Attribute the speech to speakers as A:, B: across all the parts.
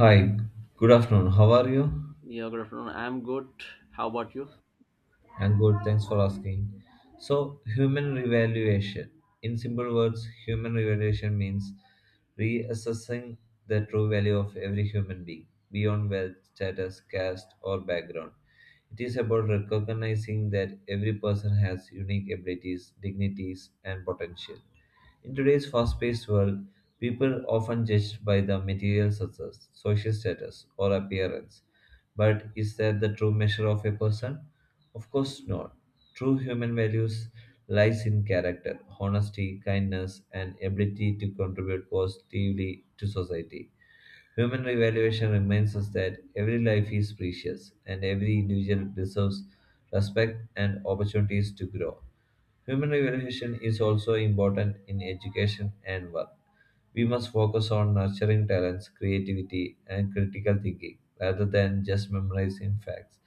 A: Hi, good afternoon. How are you?
B: Yeah, good afternoon. I'm good. How about you?
A: And good, thanks for asking. So, human revaluation. In simple words, human revaluation means reassessing the true value of every human being beyond wealth, status, caste, or background. It is about recognizing that every person has unique abilities, dignities, and potential. In today's fast paced world, people often judge by the material success, social status, or appearance. But is that the true measure of a person? Of course not. True human values lies in character, honesty, kindness, and ability to contribute positively to society. Human revaluation reminds us that every life is precious and every individual deserves respect and opportunities to grow. Human revaluation is also important in education and work. We must focus on nurturing talents, creativity, and critical thinking rather than just memorizing facts.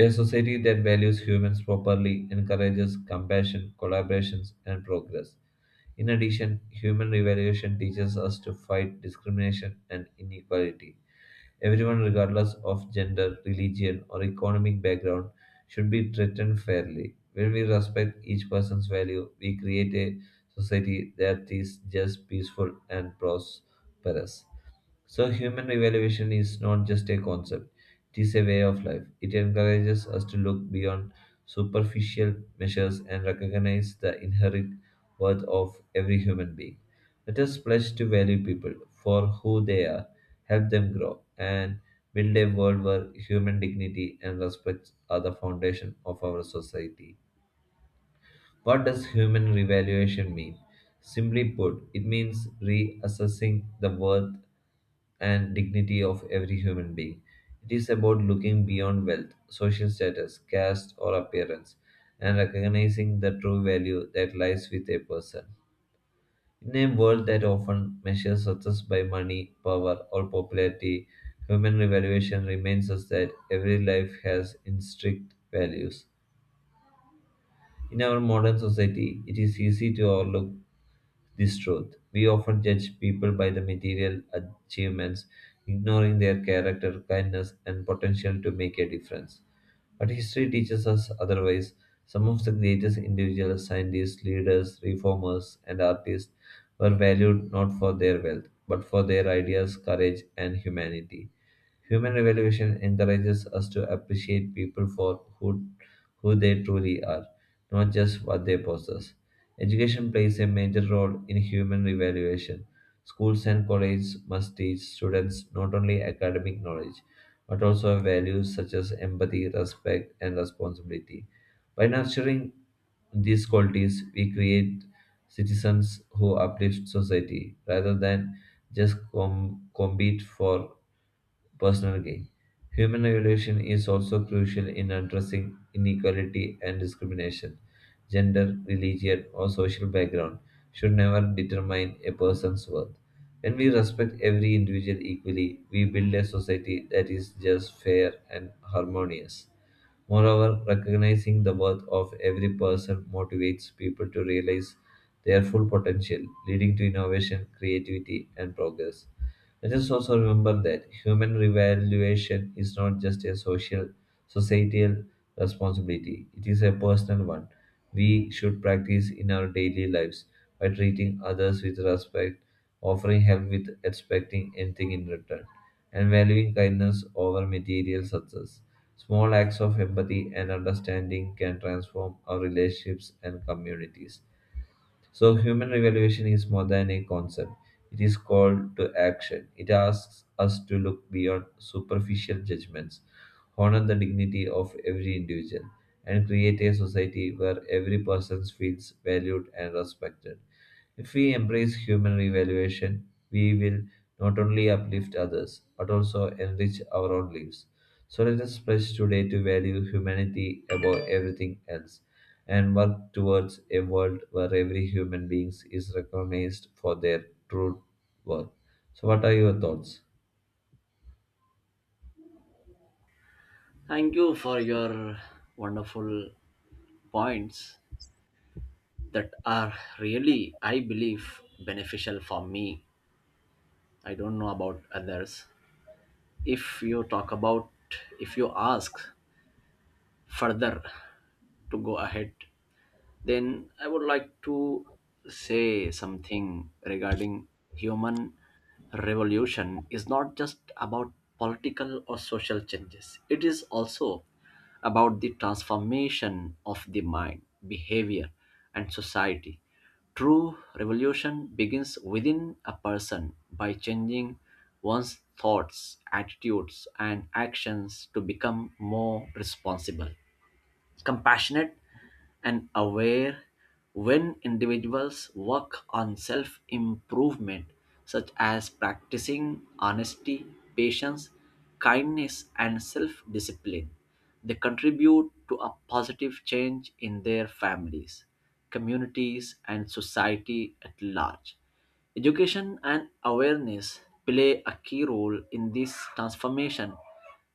A: A society that values humans properly encourages compassion, collaborations, and progress. In addition, human evaluation teaches us to fight discrimination and inequality. Everyone, regardless of gender, religion, or economic background, should be treated fairly. When we respect each person's value, we create a society that is just peaceful and prosperous. So, human evaluation is not just a concept, it is a way of life. It encourages us to look beyond superficial measures and recognize the inherent worth of every human being. Let us pledge to value people for who they are, help them grow, and build a world where human dignity and respect are the foundation of our society. What does human revaluation mean? Simply put, it means reassessing the worth and dignity of every human being. It is about looking beyond wealth, social status, caste, or appearance, and recognizing the true value that lies with a person. In a world that often measures success by money, power, or popularity, human evaluation reminds us that every life has intrinsic values in our modern society. It is easy to overlook this truth. We often judge people by the material achievements, ignoring their character, kindness, and potential to make a difference. But history teaches us otherwise. Some of the greatest individuals, scientists, leaders, reformers, and artists were valued not for their wealth, but for their ideas, courage, and humanity. Human evolution encourages us to appreciate people for who they truly are, not just what they possess. Education plays a major role in human evaluation. Schools and colleges must teach students not only academic knowledge, but also values such as empathy, respect, and responsibility. By nurturing these qualities, we create citizens who uplift society rather than just compete for personal gain. Human evolution is also crucial in addressing inequality and discrimination. Gender, religion, or social background should never determine a person's worth. When we respect every individual equally, we build a society that is just, fair, and harmonious. Moreover, recognizing the worth of every person motivates people to realize their full potential, leading to innovation, creativity, and progress. Let us also remember that human revaluation is not just a social, societal responsibility, it is a personal one. We should practice in our daily lives by treating others with respect, offering help without expecting anything in return, and valuing kindness over material success. Small acts of empathy and understanding can transform our relationships and communities. So, human evaluation is more than a concept, it is called to action. It asks us to look beyond superficial judgments, honor the dignity of every individual, and create a society where every person feels valued and respected. If we embrace human evaluation, we will not only uplift others but also enrich our own lives. So let us pledge today to value humanity above everything else and work towards a world where every human being is recognized for their true worth. So, what are your thoughts?
B: Thank you for your wonderful points that are really, I believe, beneficial for me. I don't know about others. If you talk about, if you ask further to go ahead. Then I would like to say something regarding human revolution is not just about political or social changes. It is also about the transformation of the mind, behavior, and society. True revolution begins within a person by changing one's thoughts, attitudes, and actions to become more responsible, compassionate, and aware. When individuals work on self improvement, such as practicing honesty, patience, kindness, and self discipline, they contribute to a positive change in their families, communities, and society at large. Education and awareness play a key role in this transformation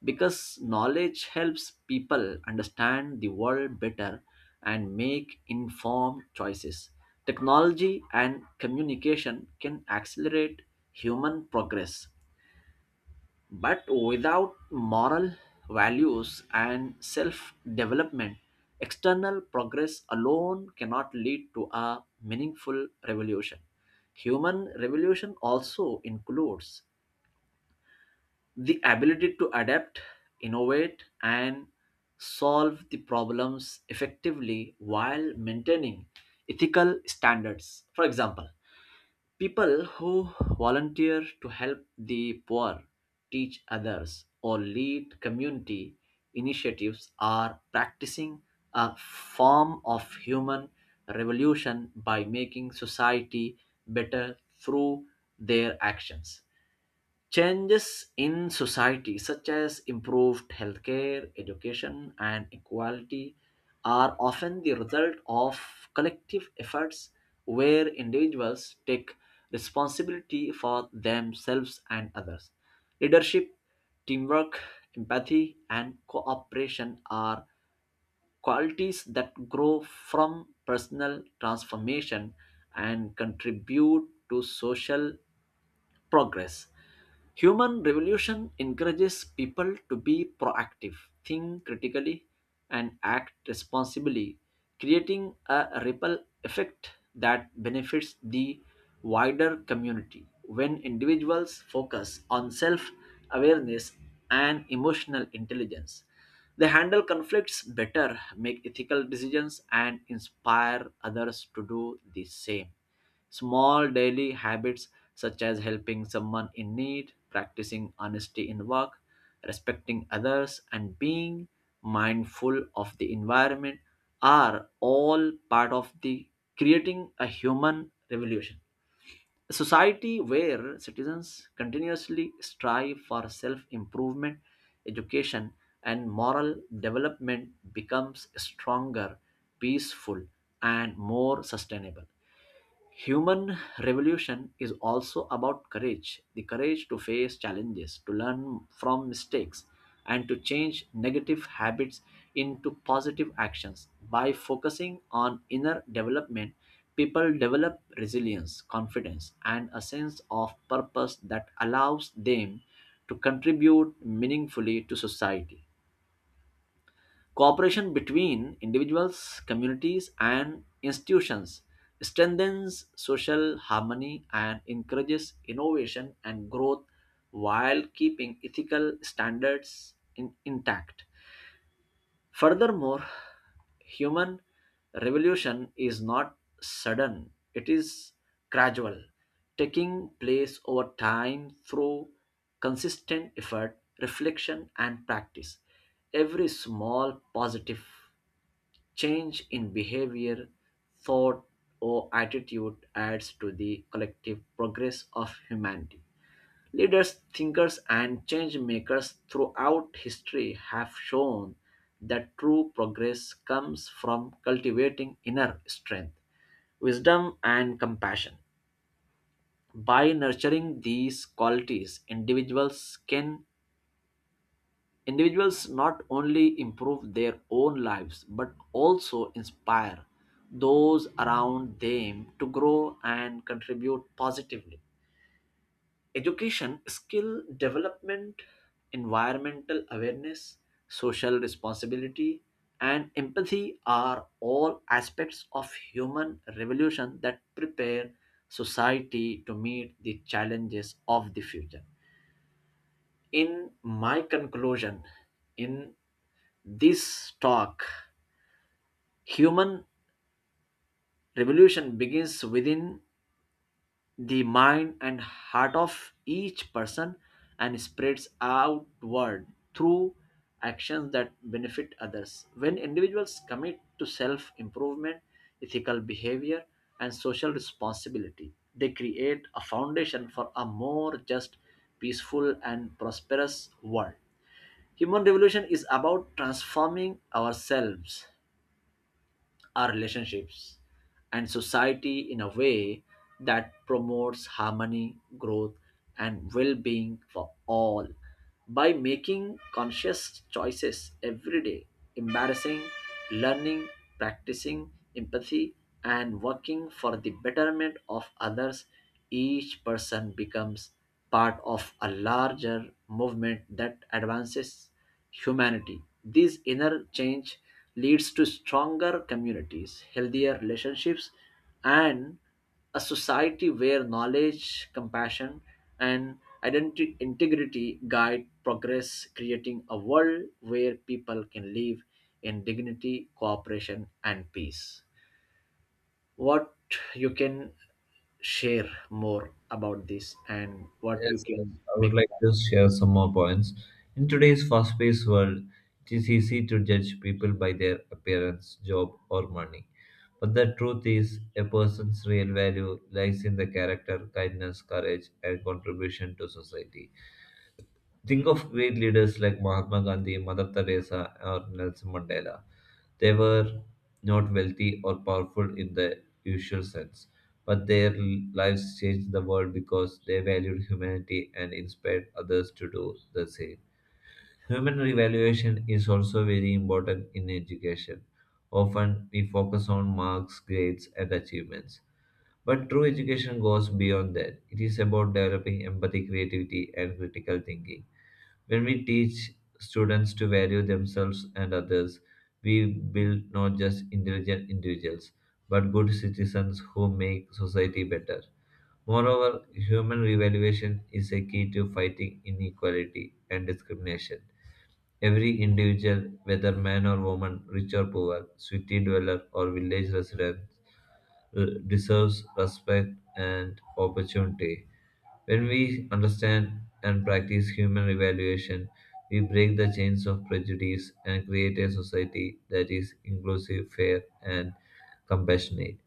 B: because knowledge helps people understand the world better and make informed choices. Technology and communication can accelerate human progress, but without moral values and self development, external progress alone cannot lead to a meaningful revolution. Human revolution also includes the ability to adapt, innovate, and solve the problems effectively while maintaining ethical standards. For example, people who volunteer to help the poor, teach others, or lead community initiatives are practicing a form of human revolution by making society better through their actions. Changes in society, such as improved healthcare, education, and equality, are often the result of collective efforts where individuals take responsibility for themselves and others. Leadership, teamwork, empathy, and cooperation are qualities that grow from personal transformation and contribute to social progress. Human revolution encourages people to be proactive, think critically, and act responsibly, creating a ripple effect that benefits the wider community. When individuals focus on self awareness and emotional intelligence, they handle conflicts better, make ethical decisions, and inspire others to do the same. Small daily habits such as helping someone in need, practicing honesty in work, respecting others, and being mindful of the environment are all part of the creating a human revolution. A society where citizens continuously strive for self improvement, education, and moral development becomes stronger, peaceful, and more sustainable. Human revolution is also about courage, the courage to face challenges, to learn from mistakes, and to change negative habits into positive actions. By focusing on inner development, people develop resilience, confidence, and a sense of purpose that allows them to contribute meaningfully to society. Cooperation between individuals, communities, and institutions strengthens social harmony and encourages innovation and growth while keeping ethical standards intact. Furthermore, human revolution is not sudden, it is gradual, taking place over time through consistent effort, reflection, and practice. Every small positive change in behavior, thought, or attitude adds to the collective progress of humanity. Leaders, thinkers, and change makers throughout history have shown that true progress comes from cultivating inner strength, wisdom, and compassion. By nurturing these qualities, individuals not only improve their own lives but also inspire those around them to grow and contribute positively. Education, skill development, environmental awareness, social responsibility, and empathy are all aspects of human revolution that prepare society to meet the challenges of the future. In my conclusion, in this talk, human revolution begins within the mind and heart of each person and spreads outward through actions that benefit others. When individuals commit to self improvement, ethical behavior, and social responsibility, they create a foundation for a more just, peaceful, and prosperous world. Human revolution is about transforming ourselves, our relationships, and society in a way that promotes harmony, growth, and well being for all. By making conscious choices every day, embarrassing, learning, practicing empathy, and working for the betterment of others, each person becomes part of a larger movement that advances humanity. This inner change leads to stronger communities, healthier relationships, and a society where knowledge, compassion, and identity integrity guide progress, creating a world where people can live in dignity, cooperation, and peace. What you can share more about this and what you
A: Yes, yes,
B: can
A: I would
B: make?
A: like to share some more points. In today's fast paced world, it is easy to judge people by their appearance, job, or money. But the truth is, a person's real value lies in the character, kindness, courage, and contribution to society. Think of great leaders like Mahatma Gandhi, Mother Teresa, or Nelson Mandela. They were not wealthy or powerful in the usual sense, but their lives changed the world because they valued humanity and inspired others to do the same. Human evaluation is also very important in education. Often we focus on marks, grades, and achievements. But true education goes beyond that. It is about developing empathy, creativity, and critical thinking. When we teach students to value themselves and others, we build not just intelligent individuals, but good citizens who make society better. Moreover, human revaluation is a key to fighting inequality and discrimination. Every individual, whether man or woman, rich or poor, city dweller or village resident, deserves respect and opportunity. When we understand and practice human evaluation, we break the chains of prejudice and create a society that is inclusive, fair, and compassionate.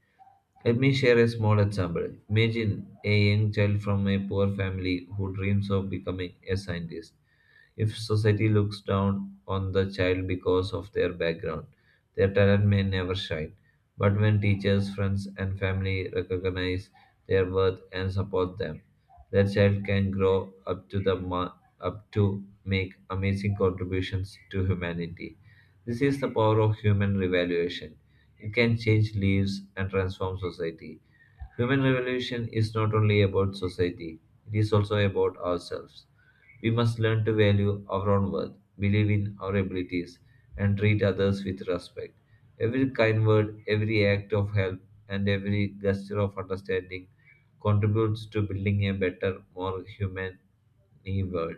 A: Let me share a small example. Imagine a young child from a poor family who dreams of becoming a scientist. If society looks down on the child because of their background, their talent may never shine. But when teachers, friends, and family recognize their worth and support them, that child can grow up to make amazing contributions to humanity. This is the power of human revaluation. It can change lives and transform society. Human revolution is not only about society, it is also about ourselves. We must learn to value our own worth, believe in our abilities, and treat others with respect. Every kind word, every act of help, and every gesture of understanding contributes to building a better, more human world.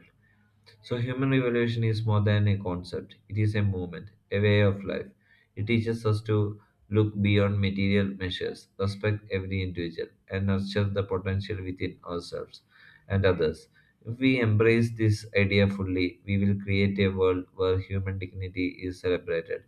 A: So, human evolution is more than a concept, it is a movement, a way of life. It teaches us to look beyond material measures, respect every individual, and nurture the potential within ourselves and others. If we embrace this idea fully, we will create a world where human dignity is celebrated,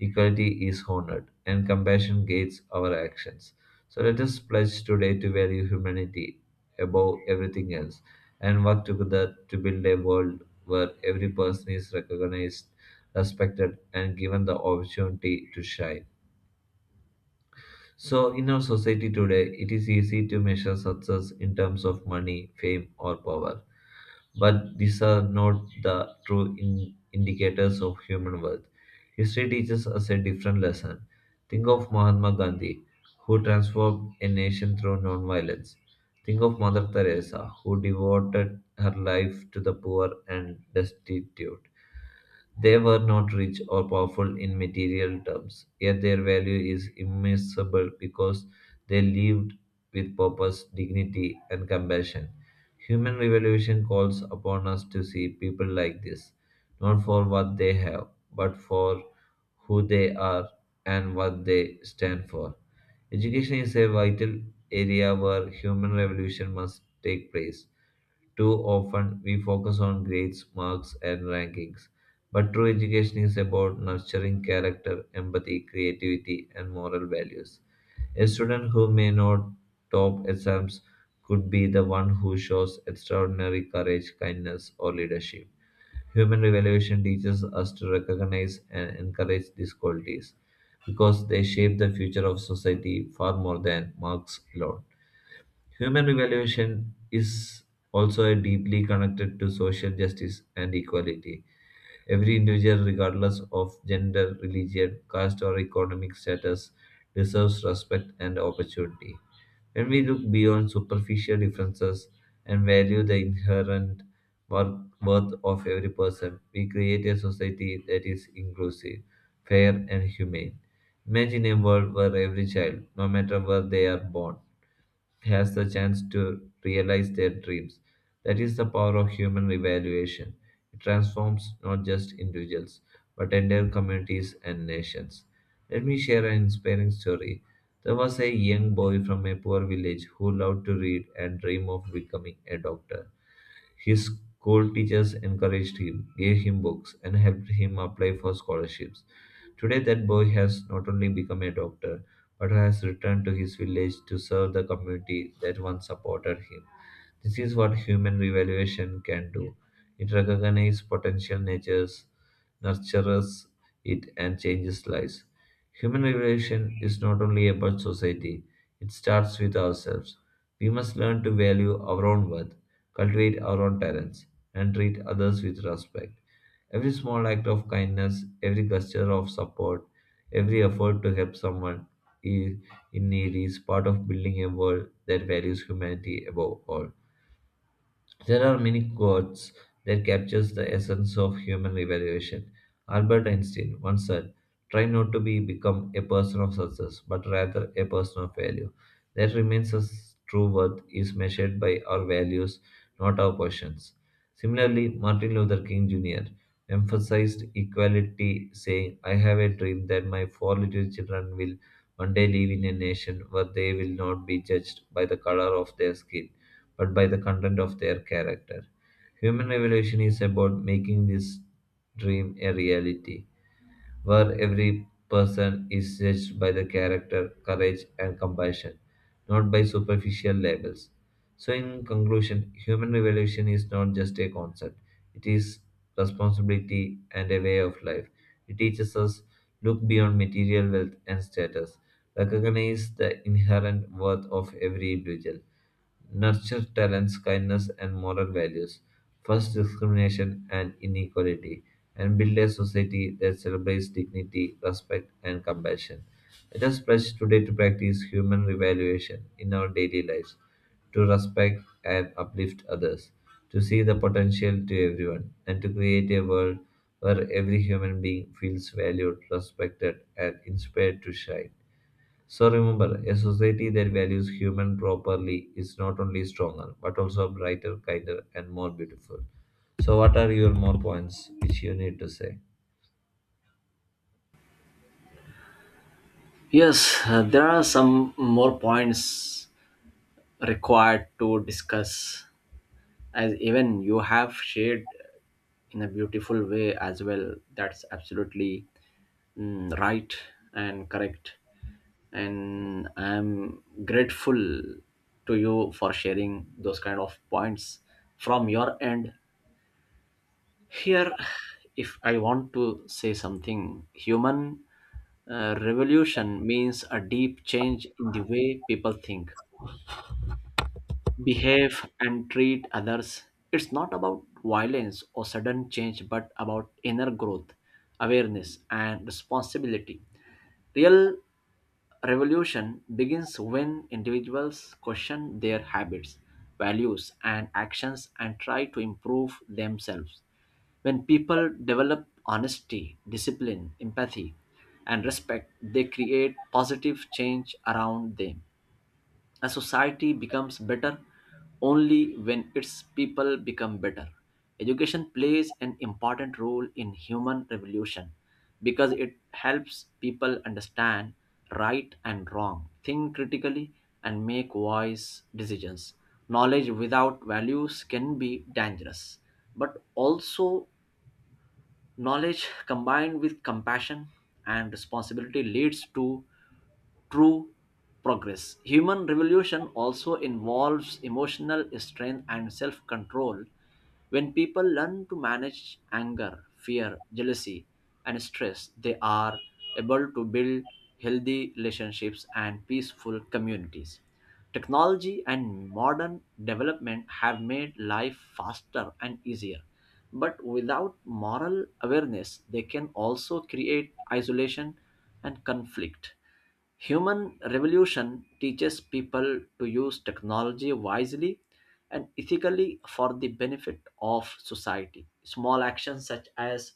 A: equality is honored, and compassion guides our actions. So, let us pledge today to value humanity above everything else and work together to build a world where every person is recognized, respected, and given the opportunity to shine. So, in our society today, it is easy to measure success in terms of money, fame, or power. But these are not the true indicators of human worth. History teaches us a different lesson. Think of Mahatma Gandhi, who transformed a nation through nonviolence. Think of Mother Teresa, who devoted her life to the poor and destitute. They were not rich or powerful in material terms, yet their value is immeasurable because they lived with purpose, dignity, and compassion. Human revolution calls upon us to see people like this, not for what they have, but for who they are and what they stand for. Education is a vital area where human revolution must take place. Too often, we focus on grades, marks, and rankings. But true education is about nurturing character, empathy, creativity, and moral values. A student who may not top exams could be the one who shows extraordinary courage, kindness, or leadership. Human evaluation teaches us to recognize and encourage these qualities because they shape the future of society far more than marks alone. Human revolution is also deeply connected to social justice and equality. Every individual, regardless of gender, religion, caste, or economic status, deserves respect and opportunity. When we look beyond superficial differences and value the inherent worth of every person, we create a society that is inclusive, fair, and humane. Imagine a world where every child, no matter where they are born, has the chance to realize their dreams. That is the power of human revaluation. It transforms not just individuals, but entire communities and nations. Let me share an inspiring story. There was a young boy from a poor village who loved to read and dreamed of becoming a doctor. His school teachers encouraged him, gave him books, and helped him apply for scholarships. Today, that boy has not only become a doctor, but has returned to his village to serve the community that once supported him. This is what human revaluation can do. It recognizes potential natures, nurtures it, and changes lives. Human revaluation is not only about society, it starts with ourselves. We must learn to value our own worth, cultivate our own talents, and treat others with respect. Every small act of kindness, every gesture of support, every effort to help someone i- in need is part of building a world that values humanity above all. There are many quotes that captures the essence of human evaluation. Albert Einstein once said, "Try not to be become a person of success, but rather a person of value." That remains us true worth is measured by our values, not our positions. Similarly, Martin Luther King Jr. Emphasized equality, saying, "I have a dream that my four little children will one day live in a nation where they will not be judged by the color of their skin, but by the content of their character." Human evolution is about making this dream a reality, where every person is judged by their character, courage, and compassion, not by superficial labels. So, in conclusion, human evolution is not just a concept, it is responsibility and a way of life. It teaches us look beyond material wealth and status, recognize the inherent worth of every individual, nurture talents, kindness, and moral values, first discrimination and inequality and build a society that celebrates dignity, respect, and compassion. Let us pledge today to practice human revaluation in our daily lives, to respect and uplift others, to see the potential to everyone, and to create a world where every human being feels valued, respected, and inspired to shine. So remember, a society that values human properly is not only stronger, but also brighter, kinder, and more beautiful. So what are your more points which you need to say?
B: Yes, there are some more points required to discuss, as even you have shared in a beautiful way as well. That's absolutely right and correct. And I'm grateful to you for sharing those kind of points from your end. Here, if I want to say something, human revolution means a deep change in the way people think, behave, and treat others. It's not about violence or sudden change, but about inner growth, awareness, and responsibility. Real revolution begins when individuals question their habits, values, and actions and try to improve themselves. When people develop honesty, discipline, empathy, and respect, they create positive change around them. A society becomes better only when its people become better. Education plays an important role in human revolution because it helps people understand right and wrong, think critically, and make wise decisions. Knowledge without values can be dangerous, but also knowledge combined with compassion and responsibility leads to true progress. Human revolution also involves emotional strength and self control. When people learn to manage anger, fear, jealousy, and stress, they are able to build healthy relationships and peaceful communities. Technology and modern development have made life faster and easier, but without moral awareness, they can also create isolation and conflict. Human revolution teaches people to use technology wisely and ethically for the benefit of society. Small actions such as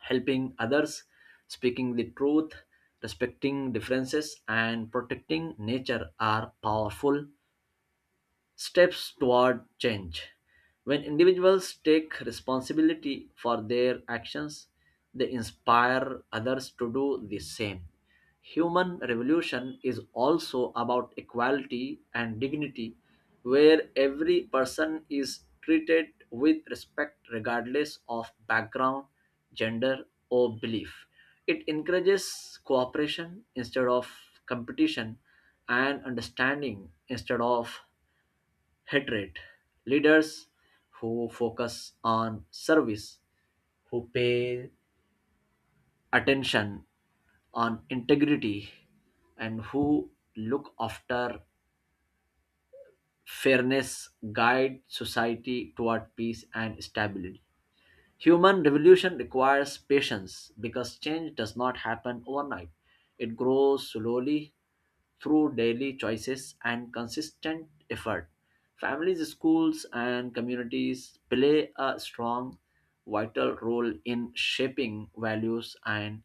B: helping others, speaking the truth, respecting differences, and protecting nature are powerful steps toward change. When individuals take responsibility for their actions, they inspire others to do the same. Human revolution is also about equality and dignity, where every person is treated with respect regardless of background, gender, or belief. It encourages cooperation instead of competition and understanding instead of hatred. Leaders who focus on service, who pay attention on integrity, and who look after fairness guide society toward peace and stability. Human revolution requires patience because change does not happen overnight. It grows slowly through daily choices and consistent effort. Families, schools, and communities play a strong, vital role in shaping values and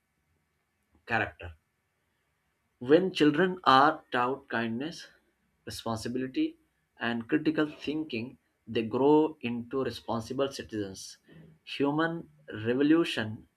B: character. When children are taught kindness, responsibility, and critical thinking, they grow into responsible citizens. Human revolution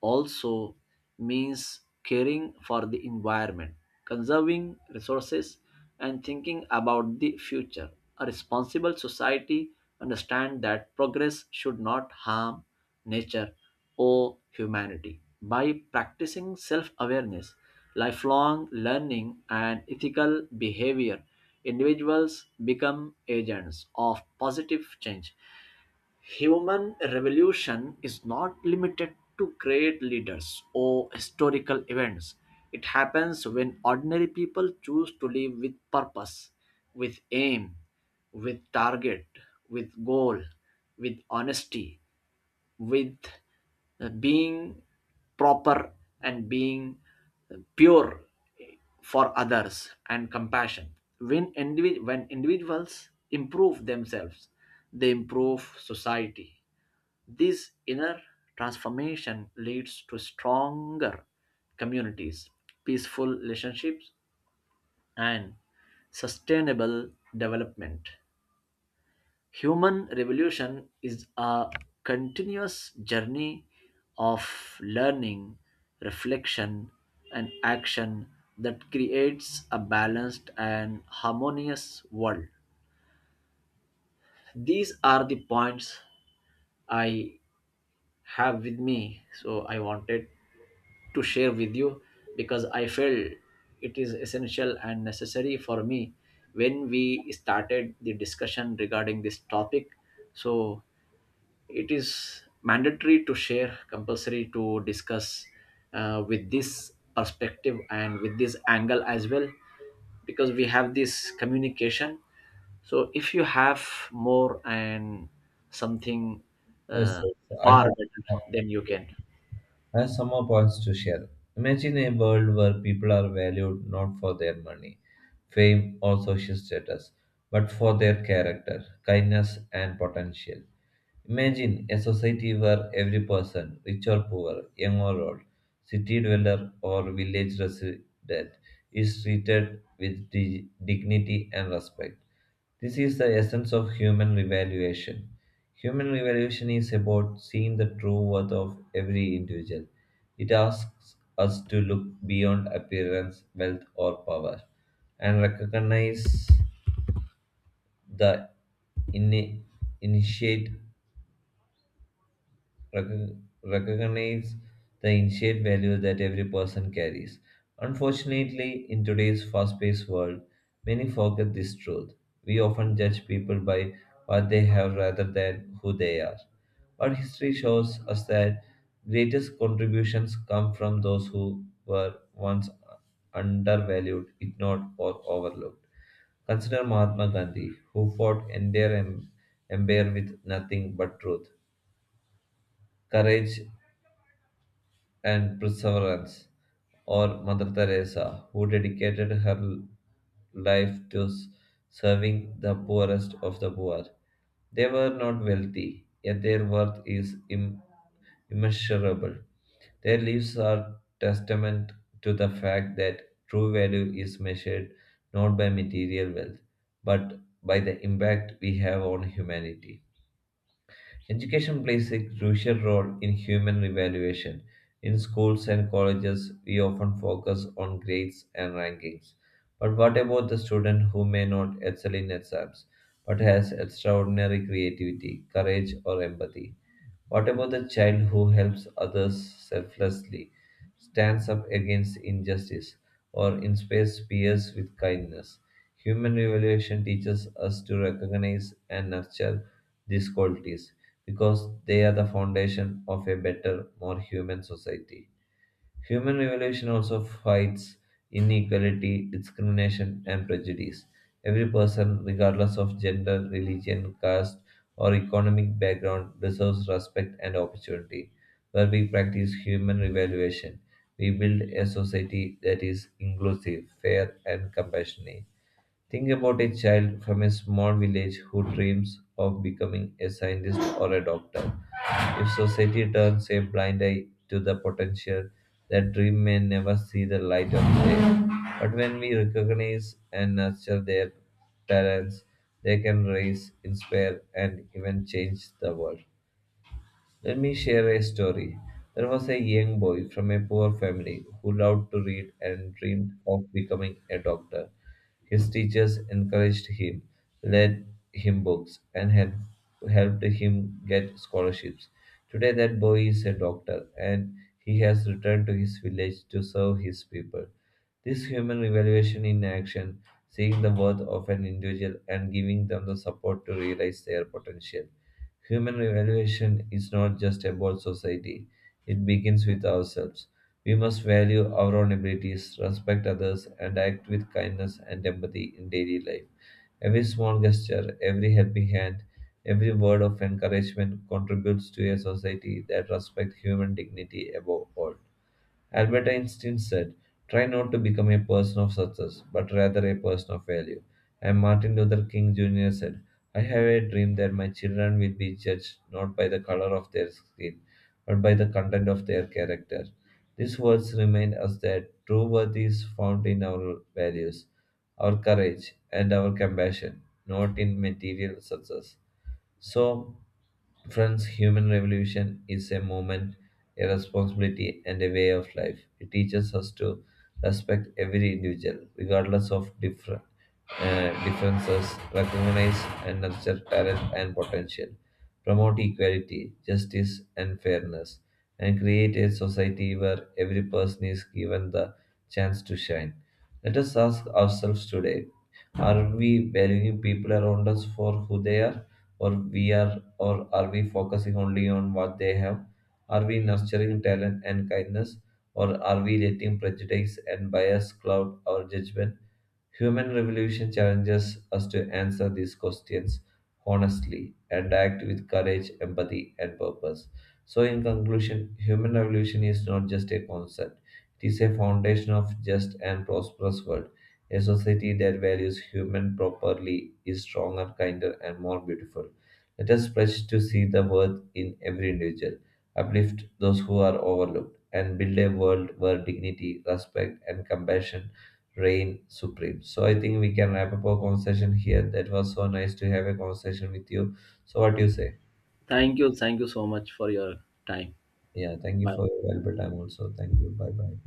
B: also means caring for the environment, conserving resources, and thinking about the future. A responsible society understands that progress should not harm nature or humanity. By practicing self awareness, lifelong learning, and ethical behavior, individuals become agents of positive change. Human revolution is not limited to great leaders or historical events. It happens when ordinary people choose to live with purpose, with aim, with target, with goal, with honesty, with being proper, and being pure for others and compassion. When individuals improve themselves, they improve society. This inner transformation leads to stronger communities, peaceful relationships, and sustainable development. Human revolution is a continuous journey of learning, reflection, and action that creates a balanced and harmonious world. These are the points I have with me, so I wanted to share with you because I felt it is essential and necessary for me when we started the discussion regarding this topic. So it is mandatory to share, compulsory to discuss, with this perspective and with this angle as well, because we have this communication. So if you have more and something uh,
A: Yes, yes. I
B: far
A: have
B: better, then you can.
A: has some more points to share. Imagine a world where people are valued not for their money, fame, or social status, but for their character, kindness, and potential. Imagine a society where every person, rich or poor, young or old, city dweller or village resident, is treated with dignity and respect. This is the essence of human revaluation. Human revaluation is about seeing the true worth of every individual. It asks us to look beyond appearance, wealth, or power and the in- initiate recognize the initiate value that every person carries. Unfortunately, in today's fast paced world, many forget this truth. We often judge people by what they have rather than who they are. But history shows us that greatest contributions come from those who were once undervalued, ignored, or overlooked. Consider Mahatma Gandhi, who fought entire empire with nothing but truth, courage, and perseverance, or Mother Teresa, who dedicated her life to serving the poorest of the poor. They were not wealthy, yet their worth is immeasurable. Their lives are testament to the fact that true value is measured not by material wealth, but by the impact we have on humanity. Education plays a crucial role in human evaluation. In schools and colleges, we often focus on grades and rankings. But what about the student who may not excel in exams but has extraordinary creativity, courage, or empathy? What about the child who helps others selflessly, stands up against injustice, or inspires peers with kindness? Human evaluation teaches us to recognize and nurture these qualities because they are the foundation of a better, more human society. Human evolution also fights inequality, discrimination, and prejudice. Every person, regardless of gender, religion, caste, or economic background, deserves respect and opportunity. Where we practice human evaluation, we build a society that is inclusive, fair, and compassionate. Think about a child from a small village who dreams of becoming a scientist or a doctor. If society turns a blind eye to the potential, that dream may never see the light of day. But when we recognize and nurture their talents, they can raise, inspire, and even change the world. Let me share a story. There was a young boy from a poor family who loved to read and dreamed of becoming a doctor. His teachers encouraged him, lent him books, and had helped him get scholarships. Today, that boy is a doctor and he has returned to his village to serve his people. This human evaluation in action, seeing the worth of an individual and giving them the support to realize their potential. Human evaluation is not just about society, it begins with ourselves. We must value our own abilities, respect others, and act with kindness and empathy in daily life. Every small gesture, every helping hand, every word of encouragement contributes to a society that respects human dignity above all. Albert Einstein said, "Try not to become a person of success, but rather a person of value." And Martin Luther King Jr. said, "I have a dream that my children will be judged not by the color of their skin, but by the content of their character." These words remind us that true worth is found in our values, our courage, and our compassion, not in material success. So, friends, human revolution is a movement, a responsibility, and a way of life. It teaches us to respect every individual, regardless of different differences, recognize and nurture talent and potential, promote equality, justice, and fairness, and create a society where every person is given the chance to shine. Let us ask ourselves today: are we valuing people around us for who they are? Or are we focusing only on what they have? Are we nurturing talent and kindness, or are we letting prejudice and bias cloud our judgment? Human revolution challenges us to answer these questions honestly and act with courage, empathy, and purpose. So, in conclusion, human revolution is not just a concept, it is a foundation of just and prosperous world. A society that values human properly is stronger, kinder, and more beautiful. Let us pledge to see the worth in every individual, uplift those who are overlooked, and build a world where dignity, respect, and compassion reign supreme. So I think we can wrap up our conversation here. That was so nice to have a conversation with you. So what do you say?
B: Thank you, thank you so much for your time.
A: Yeah, thank you
B: Bye.
A: for your valuable time also. Thank you. Bye bye.